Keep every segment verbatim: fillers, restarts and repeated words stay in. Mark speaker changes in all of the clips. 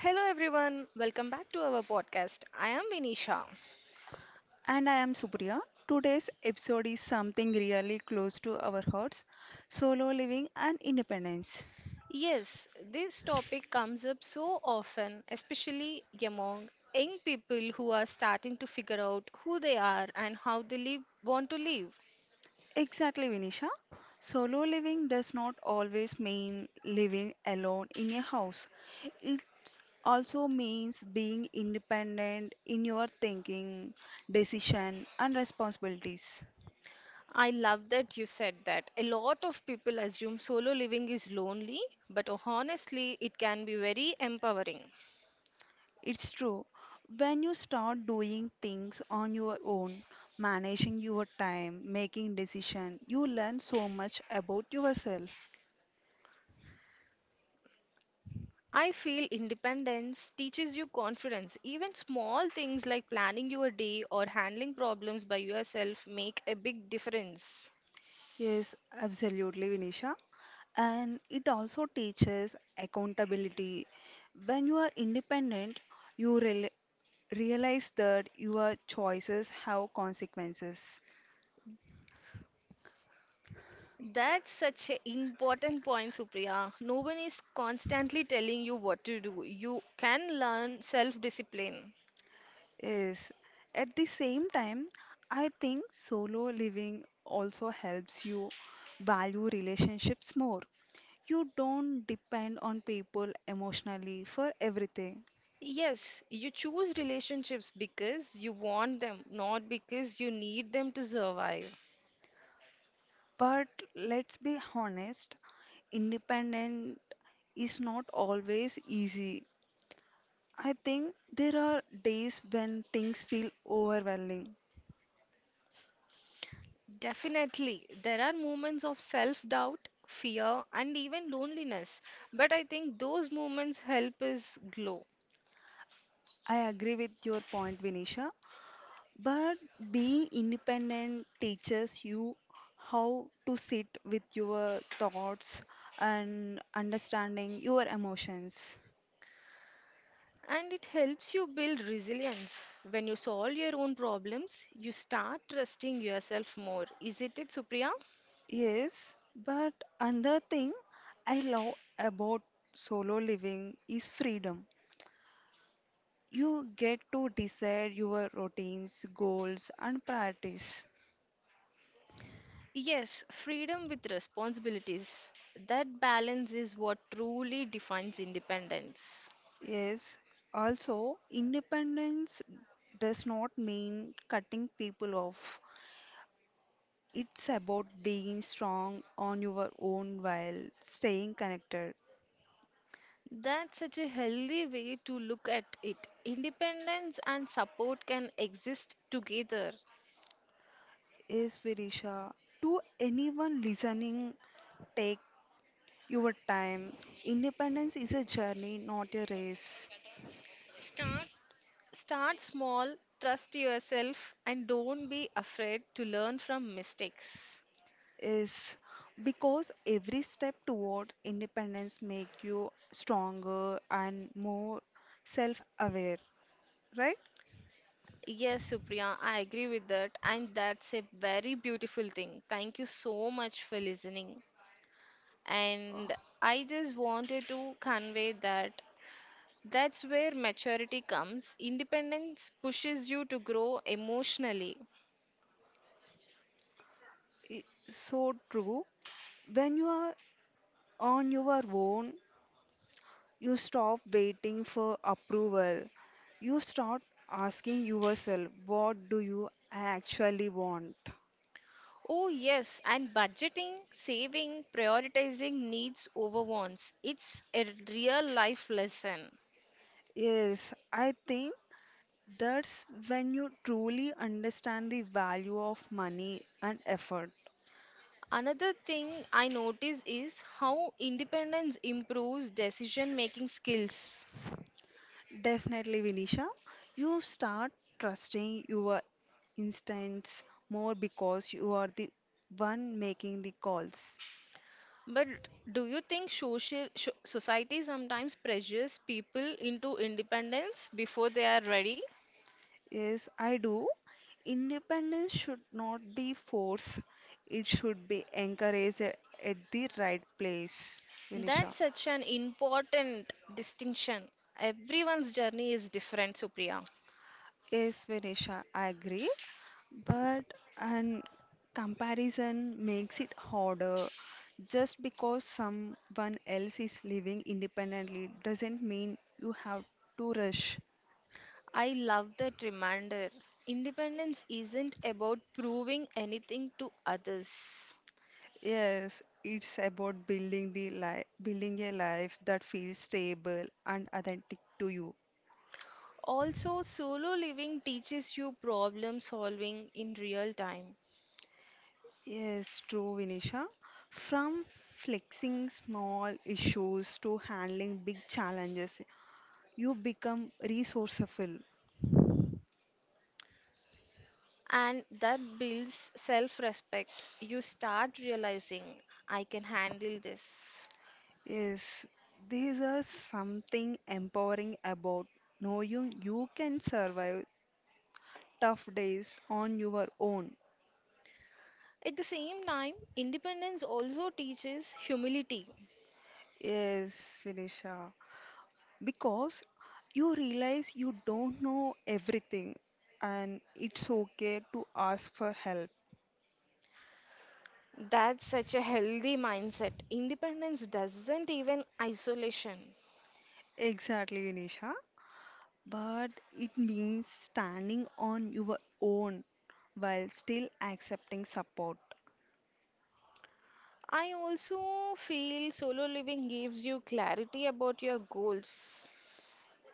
Speaker 1: Hello everyone, welcome back to our podcast. I am Vinisha.
Speaker 2: And I am Supriya. Today's episode is something really close to our hearts, solo living and independence.
Speaker 1: Yes, this topic comes up so often, especially among young people who are starting to figure out who they are and how they live, want to live.
Speaker 2: Exactly, Vinisha. Solo living does not always mean living alone in a house, it also means being independent in your thinking, decision, and responsibilities.
Speaker 1: I love that you said that. A lot of people assume solo living is lonely, but honestly, it can be very empowering.
Speaker 2: It's true. When you start doing things on your own, managing your time, making decision, you learn so much about yourself.
Speaker 1: I feel independence teaches you confidence. Even small things like planning your day or handling problems by yourself make a big difference.
Speaker 2: Yes, absolutely, Vinisha. And it also teaches accountability. When you are independent, you rel realize that your choices have consequences.
Speaker 1: That's such an important point, Supriya. No one is constantly telling you what to do. You can learn self discipline.
Speaker 2: Yes. At the same time, I think solo living also helps you value relationships more. You don't depend on people emotionally for everything.
Speaker 1: Yes, you choose relationships because you want them, not because you need them to survive.
Speaker 2: But let's be honest, independent is not always easy. I think there are days when things feel overwhelming.
Speaker 1: Definitely, there are moments of self doubt, fear, and even loneliness. But I think those moments help us glow.
Speaker 2: I agree with your point, Vinisha. But being independent teaches you how to sit with your thoughts and understanding your emotions.
Speaker 1: And it helps you build resilience. When you solve your own problems, you start trusting yourself more. Isn't it, Supriya?
Speaker 2: Yes, but another thing I love about solo living is freedom. You get to decide your routines, goals, and priorities.
Speaker 1: Yes, freedom with responsibilities. That balance is what truly defines independence.
Speaker 2: Yes, also, independence does not mean cutting people off. It's about being strong on your own while staying connected.
Speaker 1: That's such a healthy way to look at it. Independence and support can exist together.
Speaker 2: Yes, Virisha. To anyone listening, take your time. Independence is a journey, not a race.
Speaker 1: Start start small, trust yourself and don't be afraid to learn from mistakes.
Speaker 2: Is because every step towards independence make you stronger and more self-aware, right?
Speaker 1: Yes, Supriya, I agree with that and that's a very beautiful thing. Thank you so much for listening. And
Speaker 2: Oh,
Speaker 1: I just wanted to convey that that's where maturity comes. Independence pushes you to grow emotionally.
Speaker 2: i- so true. When you are on your own, you stop waiting for approval. You start asking yourself, what do you actually want?
Speaker 1: Oh, yes, and budgeting, saving, prioritizing needs over wants. It's a real life lesson.
Speaker 2: Yes, I think that's when you truly understand the value of money and effort.
Speaker 1: Another thing I notice is how independence improves decision making skills.
Speaker 2: Definitely, Vinisha, you start trusting your instincts more because you are the one making the calls.
Speaker 1: But do you think social sho society sometimes pressures people into independence before they are ready?
Speaker 2: Yes, I do. Independence should not be forced, it should be encouraged at the right place, Vinisha.
Speaker 1: That's such an important distinction. Everyone's journey is different, Supriya.
Speaker 2: Yes, Vinisha, I agree. But and comparison makes it harder. Just because someone else is living independently doesn't mean you have to rush.
Speaker 1: I love that reminder. Independence isn't about proving anything to others.
Speaker 2: Yes, it's about building the life, building a life that feels stable and authentic to you.
Speaker 1: Also, solo living teaches you problem solving in real time,
Speaker 2: Yes, true, Vinisha. From flexing small issues to handling big challenges, you become resourceful.
Speaker 1: and that builds self respect. You start realizing, I can handle this.
Speaker 2: Yes, these are something empowering about knowing you can survive tough days on your own.
Speaker 1: At the same time, independence also teaches humility.
Speaker 2: Yes, Vinisha, because you realize you don't know everything and it's okay to ask for help.
Speaker 1: That's such a healthy mindset. Independence doesn't even isolation.
Speaker 2: Exactly, Vinisha. But it means standing on your own while still accepting support.
Speaker 1: I also feel solo living gives you clarity about your goals.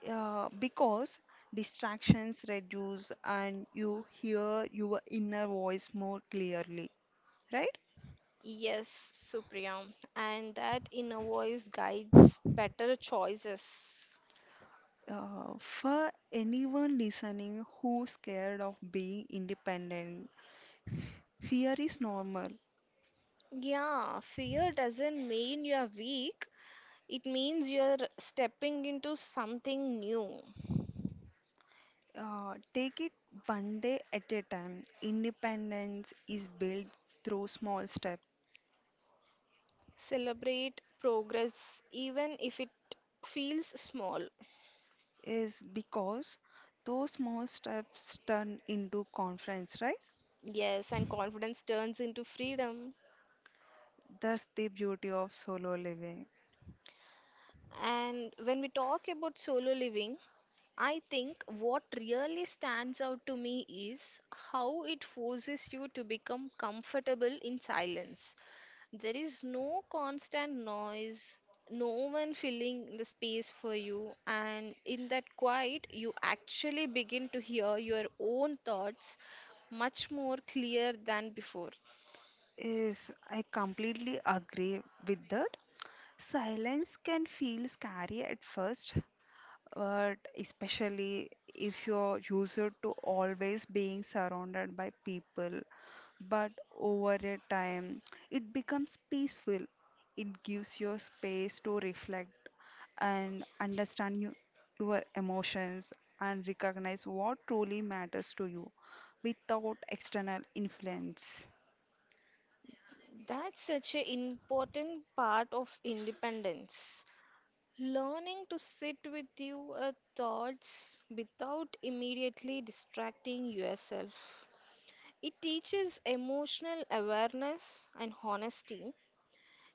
Speaker 2: uh, Because distractions reduce and you hear your inner voice more clearly, right?
Speaker 1: Yes, Supriya, and that inner voice guides better choices.
Speaker 2: Uh, for anyone listening who's scared of being independent, fear is normal.
Speaker 1: Yeah, fear doesn't mean you are weak, it means you are stepping into something new.
Speaker 2: Uh, take it one day at a time. Independence is built through small steps,
Speaker 1: Celebrate progress even if it feels small.
Speaker 2: is because those small steps turn into confidence, right?
Speaker 1: Yes, and confidence turns into freedom.
Speaker 2: That's the beauty of solo living.
Speaker 1: And when we talk about solo living, I think what really stands out to me is how it forces you to become comfortable in silence. There is no constant noise, no one filling the space for you, and in that quiet, you actually begin to hear your own thoughts much more clear than before.
Speaker 2: Yes, I completely agree with that. Silence can feel scary at first, but especially if you're used to always being surrounded by people. But over a time, it becomes peaceful. It gives you space to reflect and understand you, your emotions and recognize what truly matters to you without external influence.
Speaker 1: That's such an important part of independence. Learning to sit with your uh, thoughts without immediately distracting yourself. It teaches emotional awareness and honesty.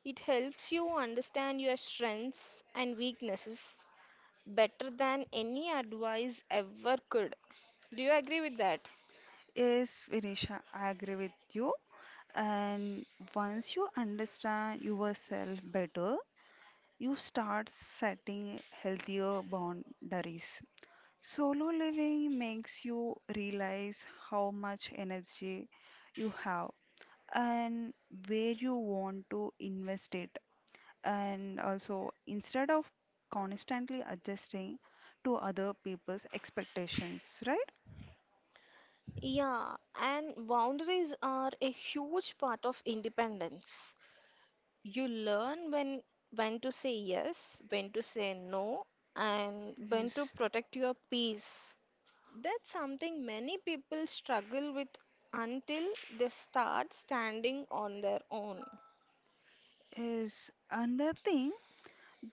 Speaker 1: It helps you understand your strengths and weaknesses better than any advice ever could. Do you agree with that?
Speaker 2: Yes, Vinisha, I agree with you. And once you understand yourself better, you start setting healthier boundaries. Solo living makes you realize how much energy you have and where you want to invest it. And also, instead of constantly adjusting to other people's expectations, right?
Speaker 1: Yeah, and boundaries are a huge part of independence. You learn when when to say yes, when to say no, and when to
Speaker 2: Yes.
Speaker 1: protect your peace. That's something many people struggle with until they start standing on their own.
Speaker 2: Is another thing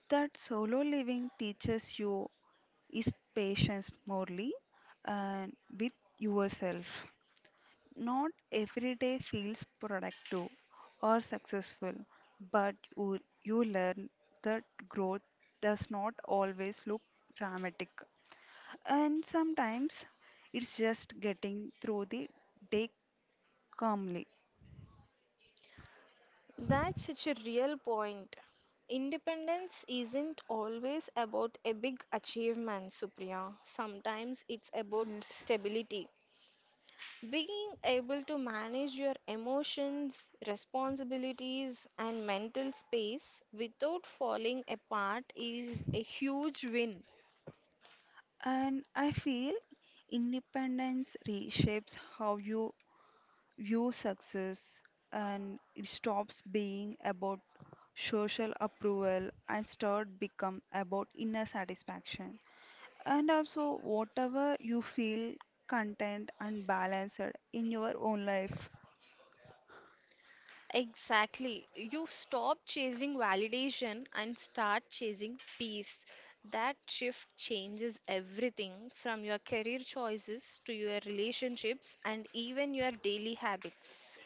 Speaker 2: that solo living teaches you is patience morely and with yourself. Not every day feels productive or successful, but you, you learn that growth does not always look dramatic. And sometimes it's just getting through the day calmly.
Speaker 1: That's such a real point. Independence isn't always about a big achievement, Supriya. Sometimes it's about
Speaker 2: Yes.
Speaker 1: stability. Being able to manage your emotions, responsibilities, and mental space without falling apart is a huge win.
Speaker 2: And I feel independence reshapes how you view success and it stops being about social approval and start become about inner satisfaction and also whatever you feel content and balanced in your own life.
Speaker 1: Exactly. You stop chasing validation and start chasing peace. That shift changes everything from your career choices to your relationships and even your daily habits.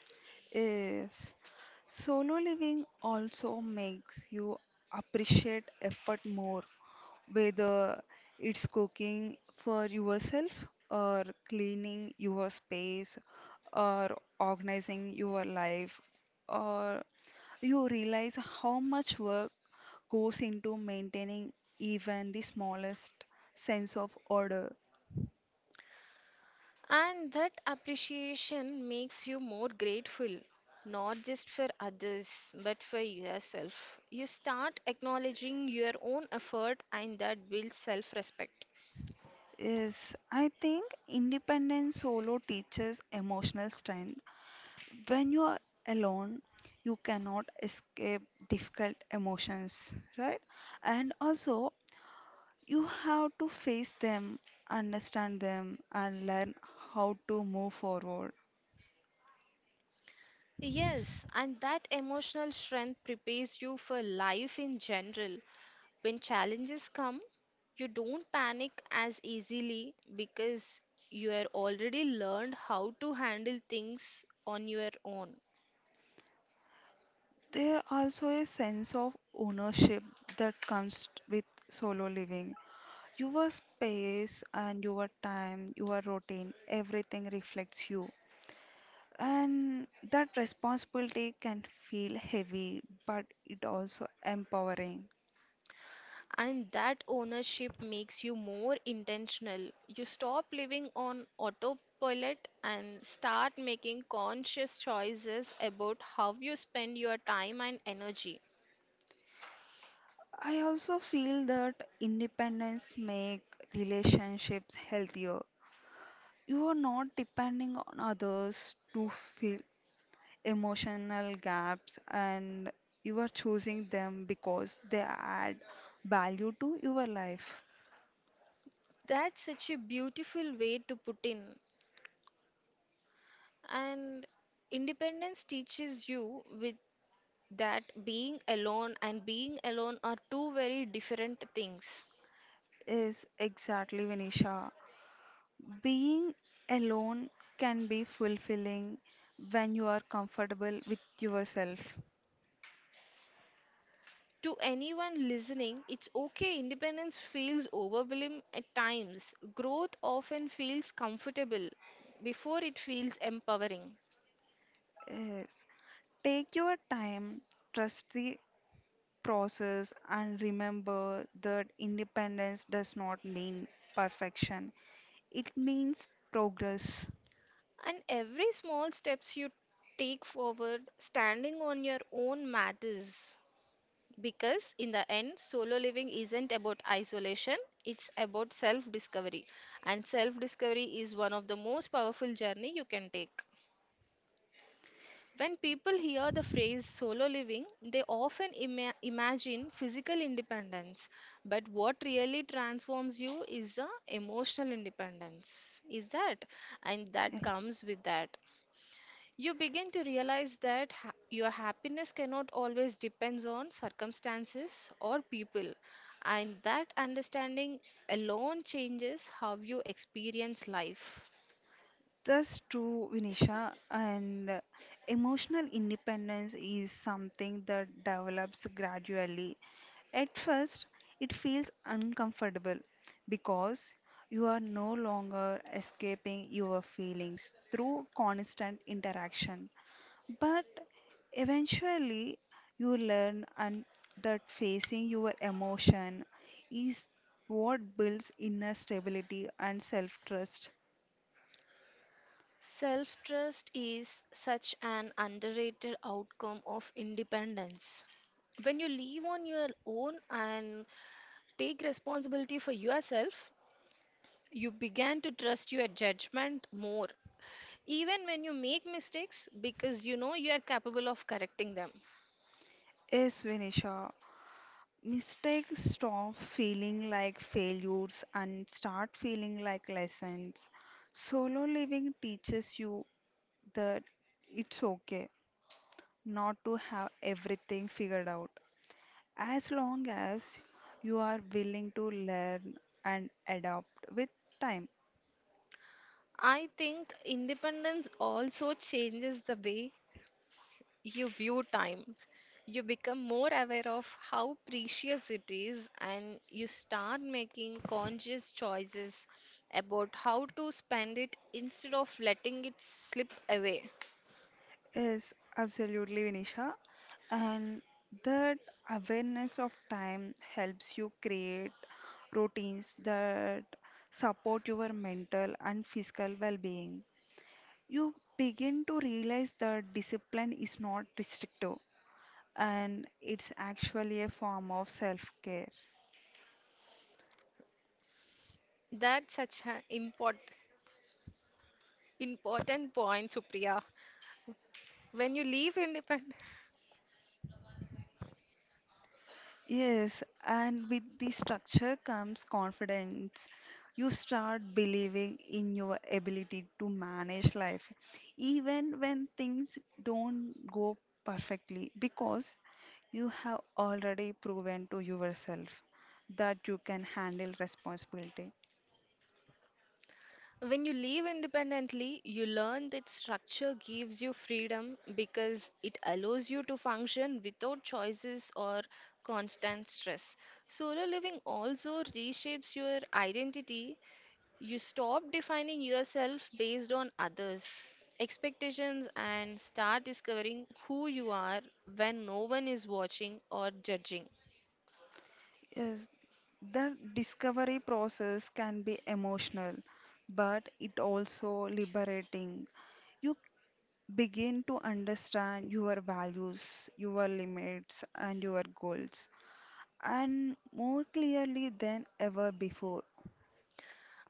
Speaker 2: Yes, solo living also makes you appreciate effort more, whether it's cooking for yourself or cleaning your space or organizing your life, or you realize how much work goes into maintaining even the smallest sense of order.
Speaker 1: And that appreciation makes you more grateful, not just for others, but for yourself. You start acknowledging your own effort, and that builds self respect.
Speaker 2: Yes, I think independent solo teaches emotional strength. When you are alone, you cannot escape difficult emotions, right? And also, you have to face them, understand them, and learn how to move forward.
Speaker 1: Yes, and that emotional strength prepares you for life in general. When challenges come, you don't panic as easily because you have already learned how to handle things on your own.
Speaker 2: There also a sense of ownership that comes with solo living. Your space and your time, your routine, everything reflects you. And that responsibility can feel heavy, but it also empowering.
Speaker 1: And that ownership makes you more intentional. You stop living on autopilot and start making conscious choices about how you spend your time and energy.
Speaker 2: I also feel that independence make relationships healthier. You are not depending on others to feel emotional gaps and you are choosing them because they add value to your life.
Speaker 1: That's such a beautiful way to put in. And independence teaches you with that being alone and being alone are two very different things.
Speaker 2: Is exactly, Vinisha. Being alone can be fulfilling when you are comfortable with yourself.
Speaker 1: To anyone listening, it's okay. Independence feels overwhelming at times. Growth often feels comfortable before it feels empowering.
Speaker 2: Yes. Take your time, trust the process, and remember that independence does not mean perfection. It means progress.
Speaker 1: And every small steps you take forward, standing on your own matters. Because in the end, solo living isn't about isolation, it's about self discovery. And self discovery is one of the most powerful journey you can take. When people hear the phrase solo living, they often ima- imagine physical independence. But what really transforms you is the emotional independence. Is that? And that comes with that. You begin to realize that ha- your happiness cannot always depends on circumstances or people. And that understanding alone changes how you experience life.
Speaker 2: That's true, Vinisha. And uh, emotional independence is something that develops gradually. At first, it feels uncomfortable because you are no longer escaping your feelings through constant interaction. But eventually, you learn and that facing your emotion is what builds inner stability and self-trust.
Speaker 1: Self trust is such an underrated outcome of independence. When you live on your own and take responsibility for yourself, you begin to trust your judgment more. Even when you make mistakes, because you know you are capable of correcting them.
Speaker 2: Yes, Vinisha. Mistakes stop feeling like failures and start feeling like lessons. Solo living teaches you that it's okay not to have everything figured out as long as you are willing to learn and adapt with time.
Speaker 1: I think independence also changes the way you view time. You become more aware of how precious it is, and you start making conscious choices about how to spend it instead of letting it slip away.
Speaker 2: Yes, absolutely, Vinisha. And that awareness of time helps you create routines that support your mental and physical well being. You begin to realize that discipline is not restrictive and it's actually a form of self care.
Speaker 1: That's such an important important point, Supriya. When you leave independent
Speaker 2: Yes, and with the structure comes confidence. You start believing in your ability to manage life, even when things don't go perfectly, because you have already proven to yourself that you can handle responsibility.
Speaker 1: When you live independently, you learn that structure gives you freedom because it allows you to function without choices or constant stress. Solo living also reshapes your identity. You stop defining yourself based on others' expectations and start discovering who you are when no one is watching or judging.
Speaker 2: Yes, the discovery process can be emotional, but it also liberating. You begin to understand your values, your limits, and your goals, and more clearly than ever before.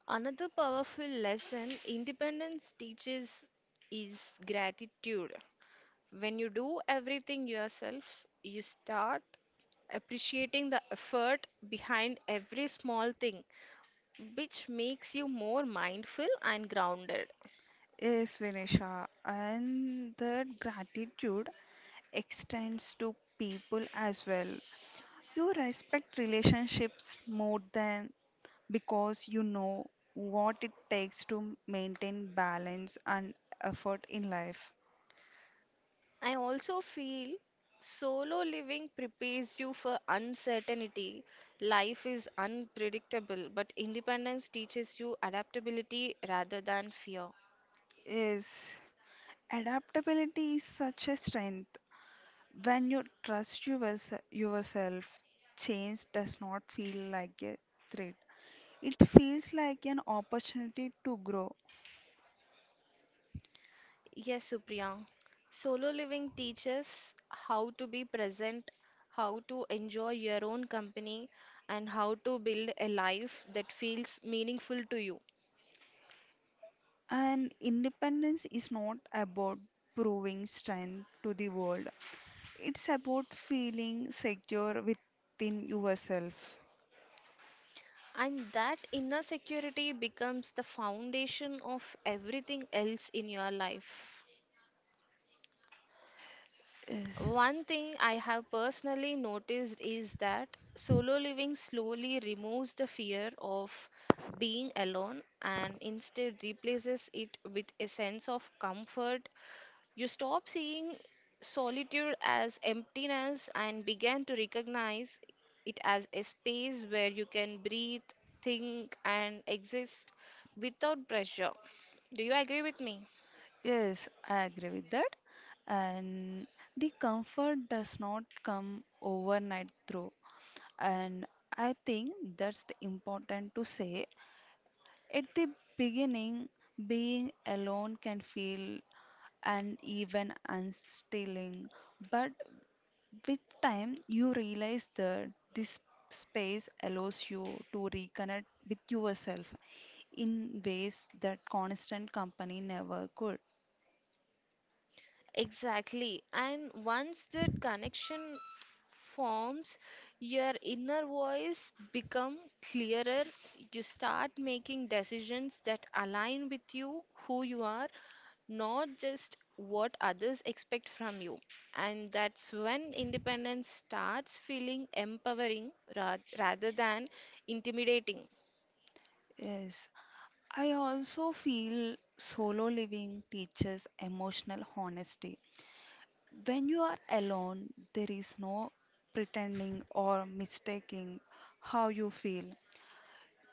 Speaker 1: Another powerful lesson independence teaches is gratitude. When you do everything yourself, you start appreciating the effort behind every small thing, which makes you more mindful and grounded.
Speaker 2: Yes, Vinisha, and that gratitude extends to people as well. You respect relationships more than because you know what it takes to maintain balance and effort in life.
Speaker 1: I also feel solo living prepares you for uncertainty. Life is unpredictable, but independence teaches you adaptability rather than fear.
Speaker 2: Yes, adaptability is such a strength. When you trust yours- yourself, change does not feel like a threat. It feels like an opportunity to grow.
Speaker 1: Yes, Supriya. Solo living teaches how to be present, how to enjoy your own company, and how to build a life that feels meaningful to you.
Speaker 2: And independence is not about proving strength to the world, it's about feeling secure within yourself.
Speaker 1: And that inner security becomes the foundation of everything else in your life.
Speaker 2: Yes,
Speaker 1: One thing I have personally noticed is that solo living slowly removes the fear of being alone and instead replaces it with a sense of comfort. You stop seeing solitude as emptiness and begin to recognize it as a space where you can breathe, think, and exist without pressure. Do you agree with me?
Speaker 2: yes, I agree with that. And the comfort does not come overnight through. And I think that's the important to say. At the beginning, being alone can feel and even unsettling, but with time, you realize that this space allows you to reconnect with yourself in ways that constant company never could.
Speaker 1: Exactly. And once that connection forms, your inner voice become clearer. You start making decisions that align with you, who you are, not just what others expect from you. And that's when independence starts feeling empowering ra- rather than intimidating.
Speaker 2: Yes, I also feel solo living teaches emotional honesty. When you are alone, there is no pretending or mistaking how you feel.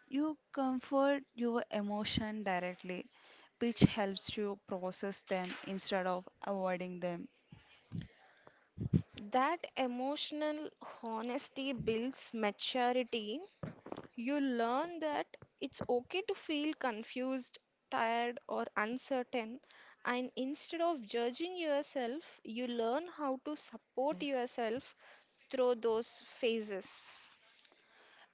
Speaker 2: You comfort your emotion directly, which helps you process them instead of avoiding them.
Speaker 1: That emotional honesty builds maturity. You learn that it's okay to feel confused, tired, or uncertain, and instead of judging yourself, you learn how to support
Speaker 2: Okay.
Speaker 1: yourself through those phases.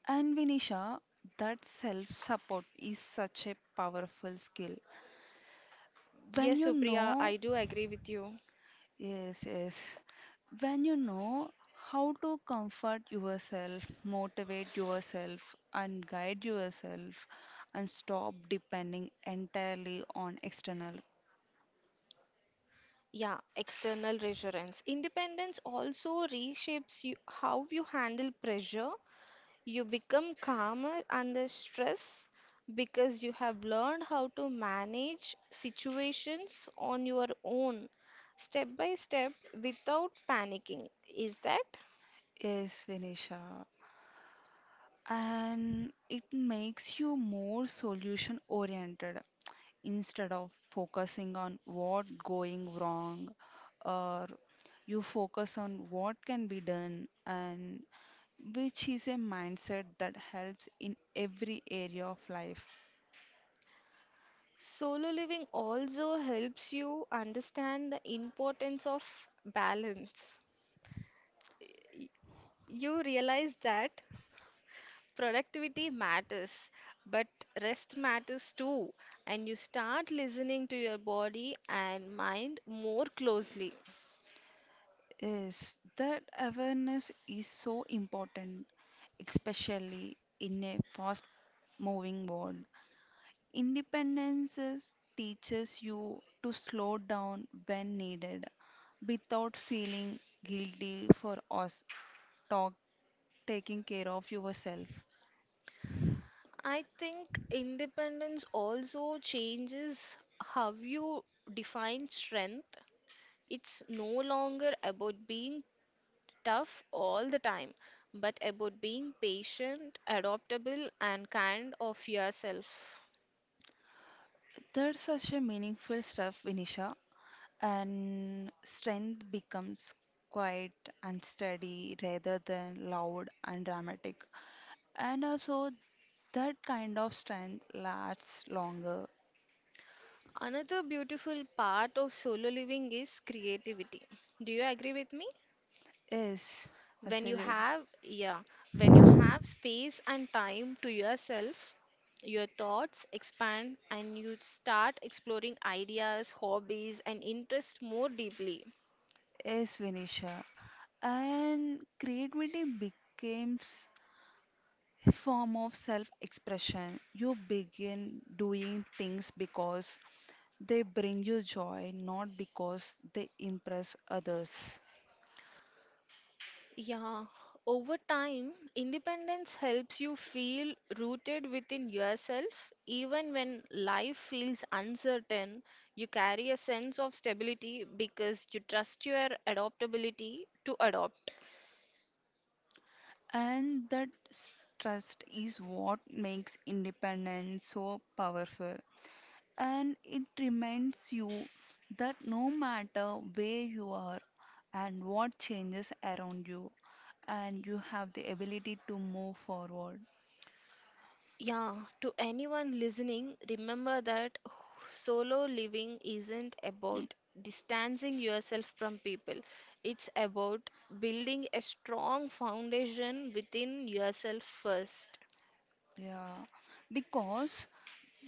Speaker 2: And Vinisha, that self support is such a powerful skill. When
Speaker 1: Yes,
Speaker 2: you
Speaker 1: Supriya,
Speaker 2: know.
Speaker 1: I do agree with you.
Speaker 2: Yes, yes. When you know how to comfort yourself, motivate yourself, and guide yourself, and stop depending entirely on external.
Speaker 1: Yeah, external reassurance. Independence also reshapes you, how you handle pressure. You become calmer under stress because you have learned how to manage situations on your own, step by step, without panicking. Is that?
Speaker 2: Yes, Vinisha. And it makes you more solution oriented instead of focusing on what going wrong, or you focus on what can be done, and which is a mindset that helps in every area of life.
Speaker 1: Solo living also helps you understand the importance of balance. Y- You realize that productivity matters, but rest matters too, and you start listening to your body and mind more closely.
Speaker 2: Yes, that awareness is so important, especially in a fast moving world. Independence teaches you to slow down when needed without feeling guilty for us talk, taking care of yourself.
Speaker 1: I think independence also changes how you define strength. It's no longer about being tough all the time, but about being patient, adaptable, and kind of yourself.
Speaker 2: That's such a meaningful stuff, Vinisha. And strength becomes quiet and steady rather than loud and dramatic. And also, that kind of strength lasts longer.
Speaker 1: Another beautiful part of solo living is creativity. Do you agree with me?
Speaker 2: Yes,
Speaker 1: when you
Speaker 2: absolute.
Speaker 1: have yeah when you have space and time to yourself, your thoughts expand and you start exploring ideas, hobbies and interests more deeply.
Speaker 2: Yes, Vinisha. And creativity becomes a form of self expression. You begin doing things because they bring you joy, not because they impress others.
Speaker 1: Yeah, over time independence helps you feel rooted within yourself even when life feels uncertain. You carry a sense of stability because you trust your adaptability to adopt.
Speaker 2: And that s- trust is what makes independence so powerful. And it reminds you that no matter where you are and what changes around you, and you have the ability to move forward.
Speaker 1: Yeah, to anyone listening, remember that solo living isn't about distancing yourself from people. It's about building a strong foundation within yourself first.
Speaker 2: Yeah, because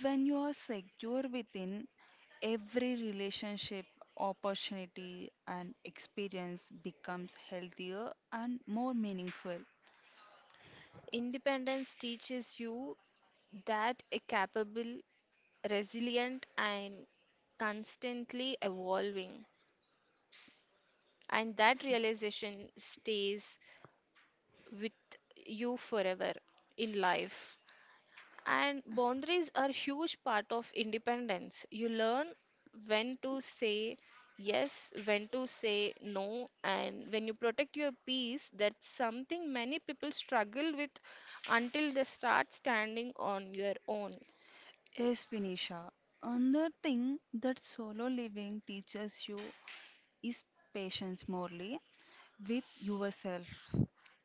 Speaker 2: when you are secure within every relationship, opportunity, and experience becomes healthier and more meaningful.
Speaker 1: Independence teaches you that a capable, resilient, and constantly evolving. And that realization stays with you forever in life. And boundaries are huge part of independence. You learn when to say yes, when to say no, and when you protect your peace, that's something many people struggle with until they start standing on your own.
Speaker 2: Yes, Vinisha. Another thing that solo living teaches you is patience morely with yourself.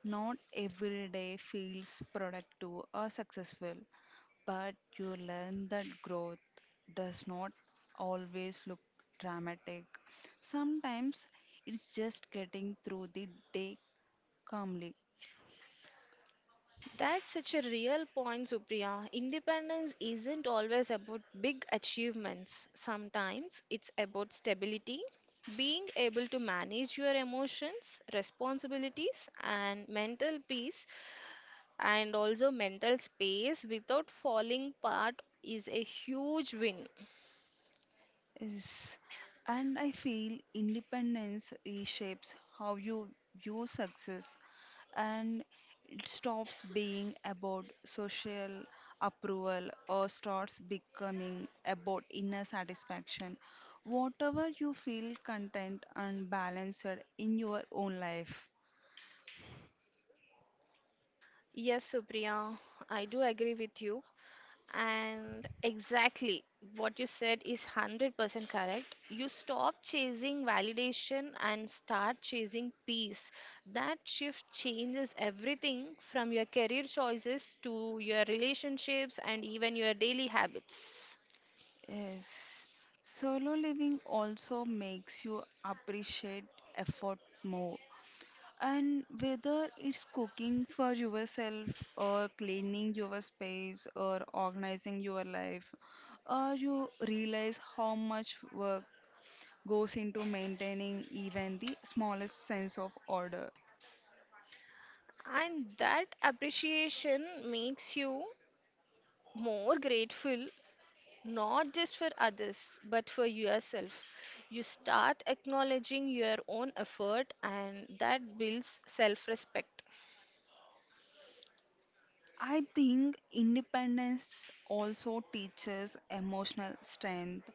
Speaker 2: Not every day feels productive or successful, but you learn that growth does not always look dramatic. Sometimes it's just getting through the day calmly.
Speaker 1: That's such a real point, Supriya. Independence isn't always about big achievements. Sometimes it's about stability, being able to manage your emotions, responsibilities, and mental peace, and also mental space without falling apart is a huge win.
Speaker 2: Yes, and I feel independence reshapes how you view success and it stops being about social approval or starts becoming about inner satisfaction. Whatever you feel content and balanced in your own life.
Speaker 1: Yes, Supriya, I do agree with you. And exactly what you said is one hundred percent correct. You stop chasing validation and start chasing peace. That shift changes everything from your career choices to your relationships and even your daily habits.
Speaker 2: Yes, solo living also makes you appreciate effort more. And whether it's cooking for yourself or cleaning your space or organizing your life, or you realize how much work goes into maintaining even the smallest sense of order.
Speaker 1: And that appreciation makes you more grateful not just for others, but for yourself. You start acknowledging your own effort, and that builds self respect.
Speaker 2: I think independence also teaches emotional strength.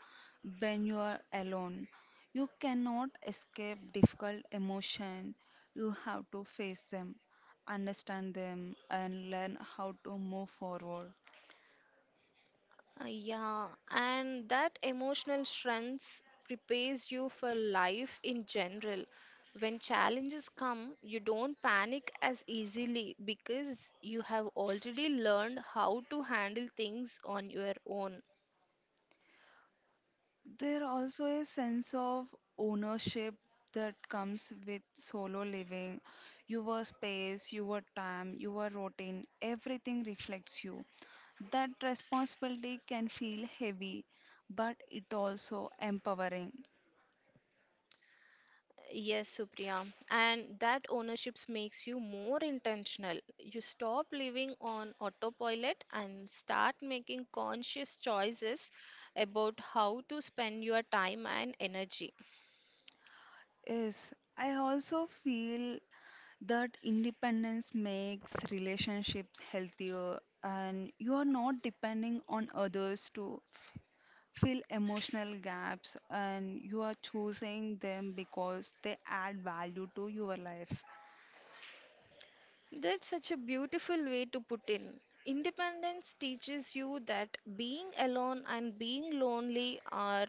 Speaker 2: When you are alone, you cannot escape difficult emotion. You have to face them, understand them, and learn how to move forward.
Speaker 1: Yeah, and that emotional strength prepares you for life in general. When challenges come, you don't panic as easily because you have already learned how to handle things on your own.
Speaker 2: There also a sense of ownership that comes with solo living. Your space, your time, your routine, everything reflects you. That responsibility can feel heavy, but it also empowering.
Speaker 1: Yes, Supriya. And that ownership makes you more intentional. You stop living on autopilot and start making conscious choices about how to spend your time and energy.
Speaker 2: Yes, I also feel that independence makes relationships healthier and you are not depending on others to fill emotional gaps and you are choosing them because they add value to your life.
Speaker 1: That's such a beautiful way to put in. Independence teaches you that being alone and being lonely are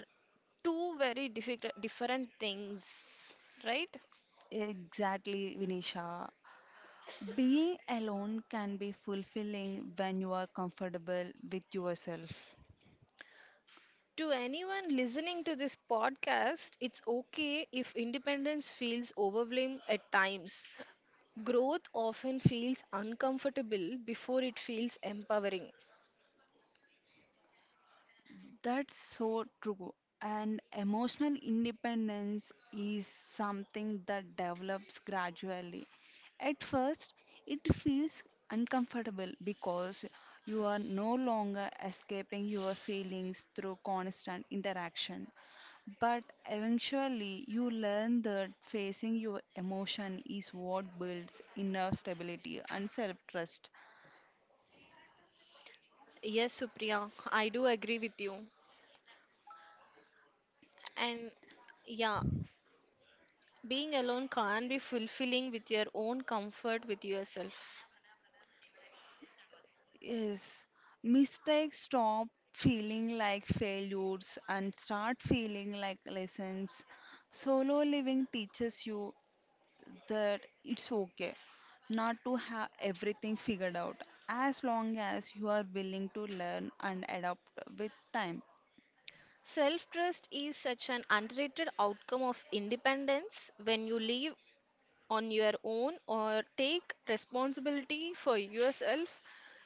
Speaker 1: two very difficult, different things, right?
Speaker 2: Exactly, Vinisha. Being alone can be fulfilling when you are comfortable with yourself.
Speaker 1: To anyone listening to this podcast, it's okay if independence feels overwhelming at times. Growth often feels uncomfortable before it feels empowering.
Speaker 2: That's so true. And emotional independence is something that develops gradually. At first, it feels uncomfortable because you are no longer escaping your feelings through constant interaction. But eventually, you learn that facing your emotion is what builds inner stability and self trust.
Speaker 1: Yes, Supriya, I do agree with you. And yeah, being alone can be fulfilling with your own comfort with yourself.
Speaker 2: Yes, mistakes stop feeling like failures and start feeling like lessons. Solo living teaches you that it's okay not to have everything figured out as long as you are willing to learn and adapt with time.
Speaker 1: Self trust is such an underrated outcome of independence. When you live on your own or take responsibility for yourself,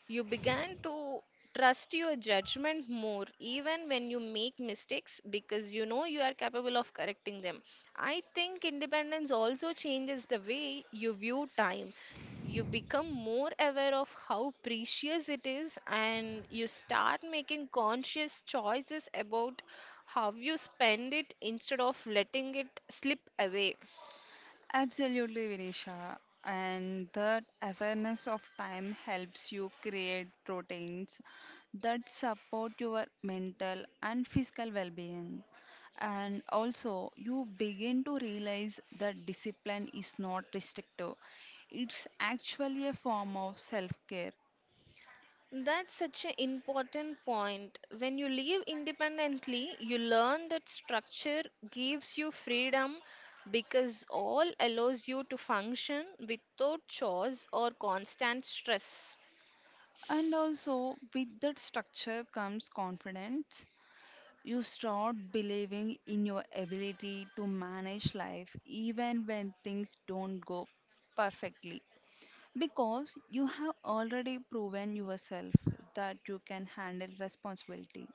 Speaker 1: you began to trust your judgment more, even when you make mistakes, because you know you are capable of correcting them. I think independence also changes the way you view time. You become more aware of how precious it is, and you start making conscious choices about how you spend it instead of letting it slip away.
Speaker 2: Absolutely, Vinisha. And that awareness of time helps you create routines that support your mental and physical well being. And also, you begin to realize that discipline is not restrictive, it's actually a form of self care.
Speaker 1: That's such an important point. When you live independently, you learn that structure gives you freedom because all allows you to function without chores or constant stress.
Speaker 2: And also, with that structure comes confidence. You start believing in your ability to manage life even when things don't go perfectly because you have already proven yourself that you can handle responsibility.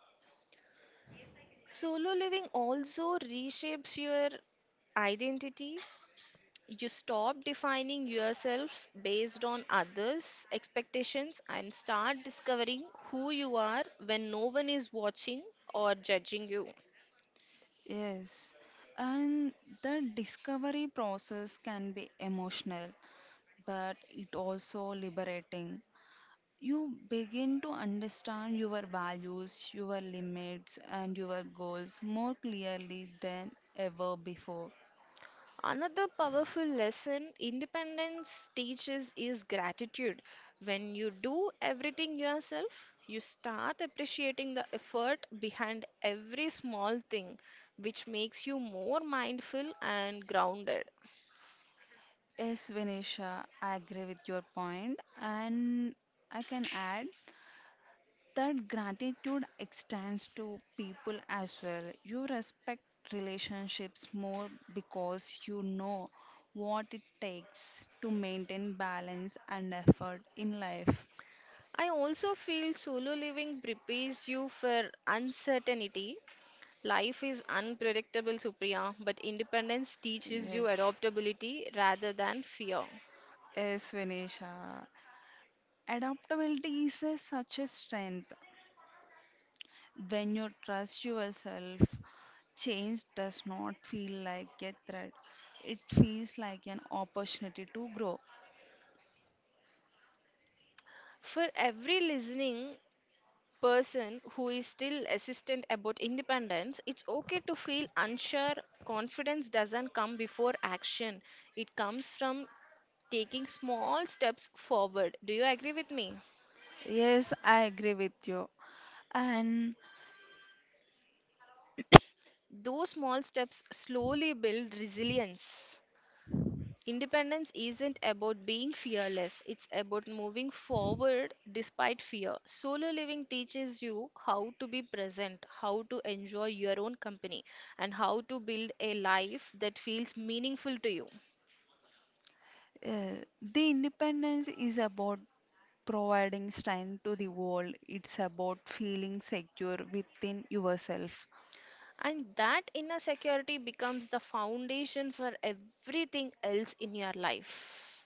Speaker 1: Solo living also reshapes your identity. You stop defining yourself based on others' expectations and start discovering who you are when no one is watching or judging you.
Speaker 2: Yes, and the discovery process can be emotional, but it also liberating. You begin to understand your values, your limits, and your goals more clearly than ever before.
Speaker 1: Another powerful lesson independence teaches is gratitude. When you do everything yourself, you start appreciating the effort behind every small thing, which makes you more mindful and grounded.
Speaker 2: Yes, Vinisha, I agree with your point, and I can add that gratitude extends to people as well. You respect relationships more because you know what it takes to maintain balance and effort in life.
Speaker 1: I also feel solo living prepares you for uncertainty. Life is unpredictable, Supriya, but independence teaches you
Speaker 2: Yes,
Speaker 1: adaptability rather than fear.
Speaker 2: yes, Vinisha. Adaptability is a, such a strength. When you trust yourself, change does not feel like a threat. It feels like an opportunity to grow.
Speaker 1: For every listening, person who is still hesitant about independence, it's okay to feel unsure. Confidence doesn't come before action, it comes from taking small steps forward. Do you agree with me?
Speaker 2: Yes, I agree with you. And
Speaker 1: Those small steps slowly build resilience. Independence isn't about being fearless, it's about moving forward despite fear. Solo living teaches you how to be present, how to enjoy your own company, and how to build a life that feels meaningful to you.
Speaker 2: uh, the independence is about providing strength to the world, it's about feeling secure within yourself.
Speaker 1: And that inner security becomes the foundation for everything else in your life.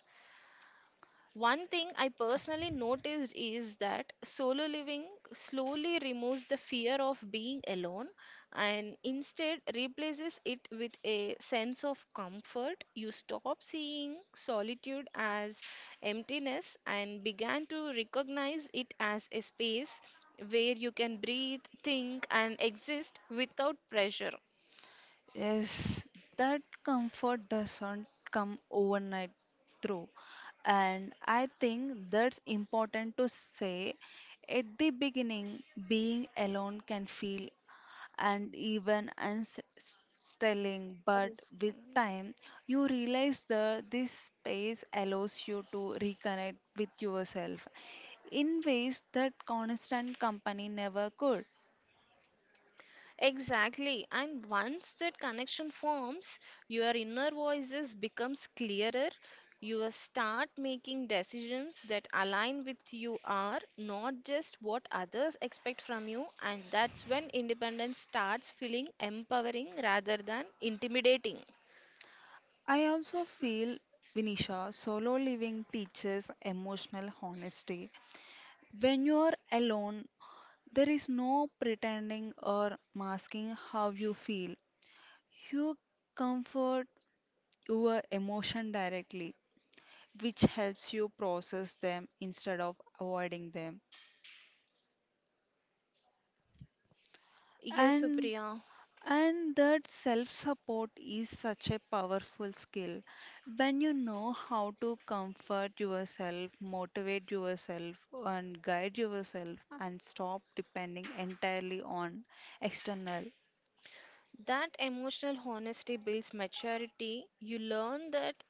Speaker 1: One thing I personally noticed is that solo living slowly removes the fear of being alone and instead replaces it with a sense of comfort. You stop seeing solitude as emptiness and began to recognize it as a space where you can breathe, think, and exist without pressure.
Speaker 2: Yes, that comfort doesn't come overnight through. And I think that's important to say. At the beginning, being alone can feel and even unsettling, but
Speaker 1: Kalades.
Speaker 2: with time, you realize that this space allows you to reconnect with yourself in ways that constant company never could.
Speaker 1: Exactly. And once that connection forms, your inner voices becomes clearer. You start making decisions that align with you are not just what others expect from you, and that's when independence starts feeling empowering rather than intimidating.
Speaker 2: I also feel, Vinisha, solo living teaches emotional honesty. When you're alone, there is no pretending or masking how you feel. You comfort your emotion directly, which helps you process them instead of avoiding them.
Speaker 1: Yes,
Speaker 2: And
Speaker 1: Supriya.
Speaker 2: And that self support is such a powerful skill. When you know how to comfort yourself, motivate yourself, and guide yourself, and stop depending entirely on external.
Speaker 1: That emotional honesty builds maturity. You learn that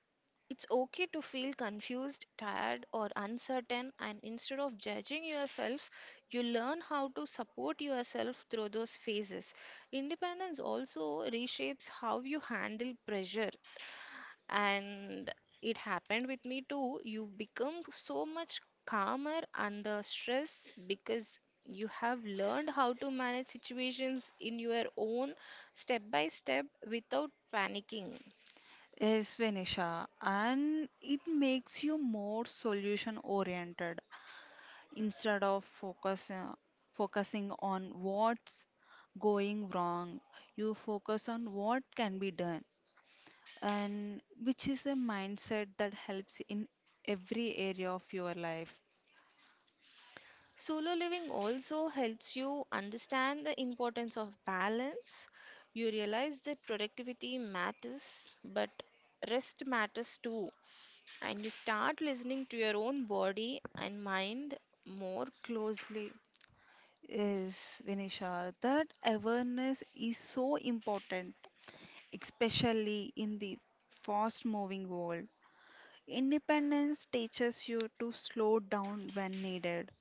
Speaker 1: it's okay to feel confused, tired, or uncertain, and instead of judging yourself, you learn how to support yourself through those phases. Independence also reshapes how you handle pressure, and it happened with me too. You become so much calmer under stress because you have learned how to manage situations in your own step by step without panicking.
Speaker 2: Yes, Vinisha, and it makes you more solution oriented instead of focus, uh, focusing on what's going wrong, you focus on what can be done. And which is a mindset that helps in every area of your life.
Speaker 1: Solo living also helps you understand the importance of balance. You realize that productivity matters, but rest matters too. And you start listening to your own body and mind more closely.
Speaker 2: Yes, Vinisha, that awareness is so important, especially in the fast moving world. Independence teaches you to slow down when needed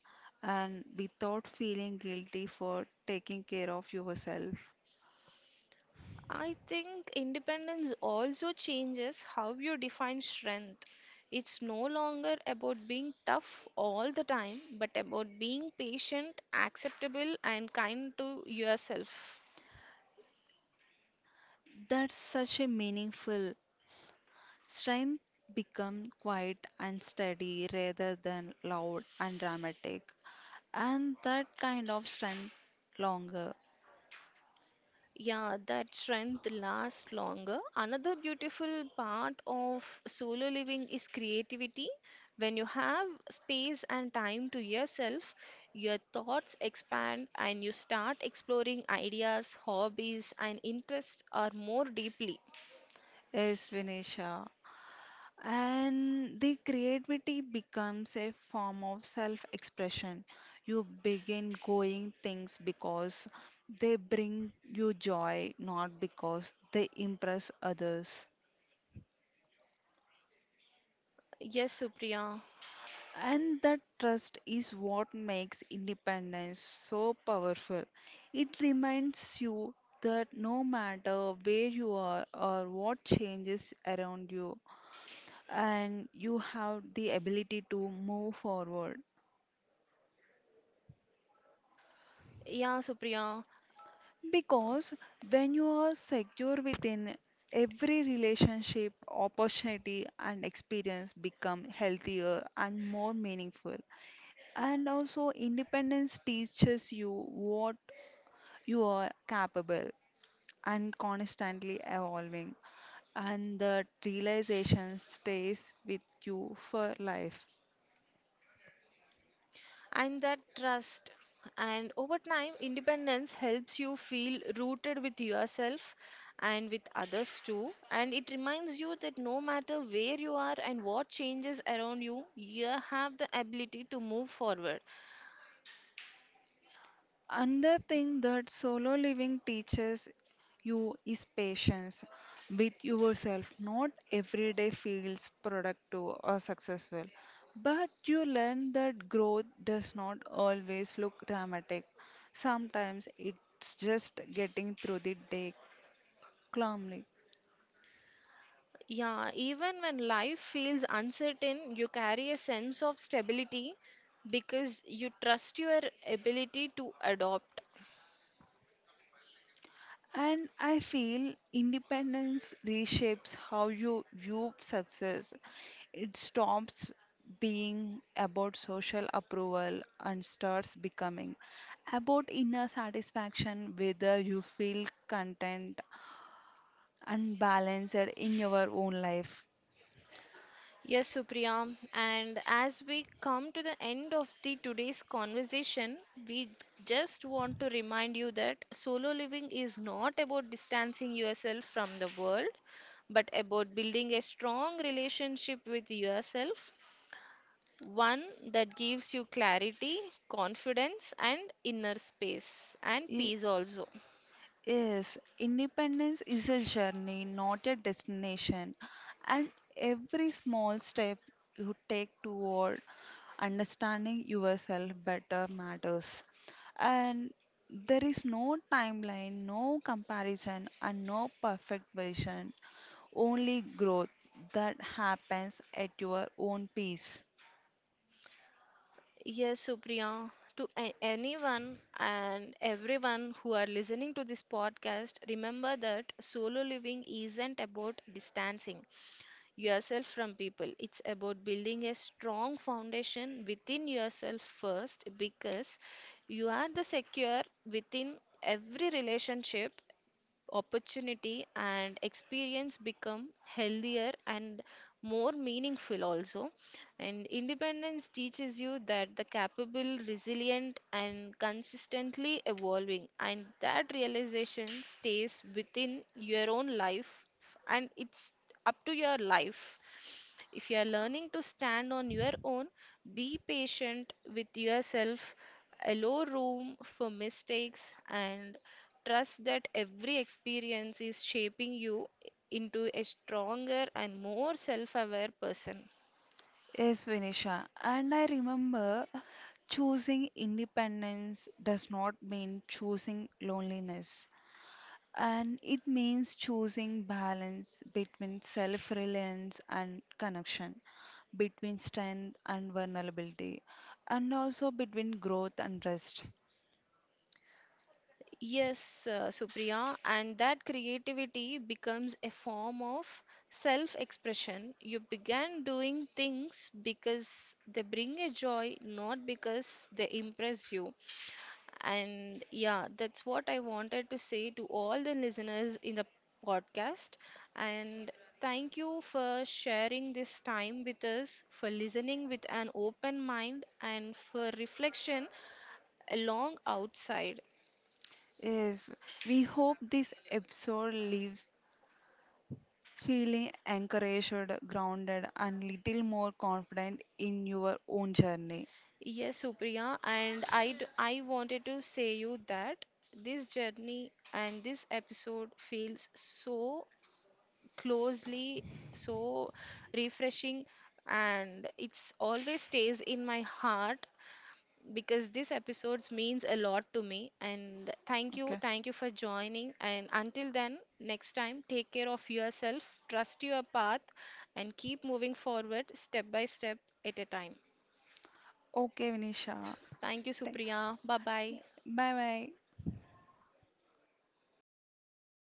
Speaker 2: and without feeling guilty for taking care of yourself.
Speaker 1: I think independence also changes how you define strength. It's no longer about being tough all the time, but about being patient, acceptable, and kind to yourself.
Speaker 2: That's such a meaningful strength become quiet and steady rather than loud and dramatic. And that kind of strength longer
Speaker 1: Yeah, that strength lasts longer. Another beautiful part of solo living is creativity. When you have space and time to yourself, your thoughts expand and you start exploring ideas, hobbies, and interests are more deeply.
Speaker 2: is Vinisha. And the creativity becomes a form of self expression. You begin going things because they bring you joy, not because they impress others.
Speaker 1: Yes, Supriya.
Speaker 2: And that trust is what makes independence so powerful. It reminds you that no matter where you are or what changes around you, and you have the ability to move forward.
Speaker 1: Yeah, Supriya,
Speaker 2: Because when you are secure within every relationship, opportunity, and experience become healthier and more meaningful. And also, independence teaches you what you are capable and constantly evolving, and that realization stays with you for life.
Speaker 1: and that trust. And over time, independence helps you feel rooted with yourself and with others too. And it reminds you that no matter where you are and what changes around you, you have the ability to move forward.
Speaker 2: Another thing that solo living teaches you is patience with yourself. Not every day feels productive or successful, but you learn that growth does not always look dramatic. Sometimes it's just getting through the day calmly.
Speaker 1: Yeah, even when life feels uncertain, you carry a sense of stability because you trust your ability to adopt.
Speaker 2: And I feel independence reshapes how you view success. It stops being about social approval and starts becoming about inner satisfaction, whether you feel content and balanced in your own life.
Speaker 1: Yes, Supriya. And as we come to the end of the today's conversation, we just want to remind you that solo living is not about distancing yourself from the world, but about building a strong relationship with yourself, one that gives you clarity, confidence, and inner space and
Speaker 2: Yeah.
Speaker 1: peace also.
Speaker 2: Yes, independence is a journey, not a destination. And every small step you take toward understanding yourself better matters. And there is no timeline, no comparison, and no perfect version, only growth that happens at your own pace.
Speaker 1: Yes, Supriya, to a- anyone and everyone who are listening to this podcast, remember that solo living isn't about distancing yourself from people. It's about building a strong foundation within yourself first because you are the secure within every relationship opportunity and experience become healthier and more meaningful also, and independence teaches you that the capable resilient and consistently evolving, and that realization stays within your own life, and it's up to your life if you are learning to stand on your own, be patient with yourself, allow room for mistakes, and trust that every experience is shaping you into a stronger and more self aware person.
Speaker 2: Yes, Vinisha. And I remember choosing independence does not mean choosing loneliness. And it means choosing balance between self reliance and connection, between strength and vulnerability, and also between growth and rest.
Speaker 1: Yes, uh, Supriya, and that creativity becomes a form of self expression. You began doing things because they bring you joy, not because they impress you. And yeah, that's what I wanted to say to all the listeners in the podcast. And thank you for sharing this time with us, for listening with an open mind, and for reflection along outside.
Speaker 2: Yes, we hope this episode leaves feeling encouraged, grounded, and little more confident in your own journey.
Speaker 1: Yes, Supriya, and I, d- I wanted to say you that this journey and this episode feels so closely, so refreshing, and it's always stays in my heart because this episodes means a lot to me, and thank you
Speaker 2: Okay.
Speaker 1: thank you for joining, and until then next time take care of yourself, trust your path, and keep moving forward step by step at a time.
Speaker 2: Okay, Vinisha.
Speaker 1: Thank you, Supriya. Bye bye.
Speaker 2: Bye bye.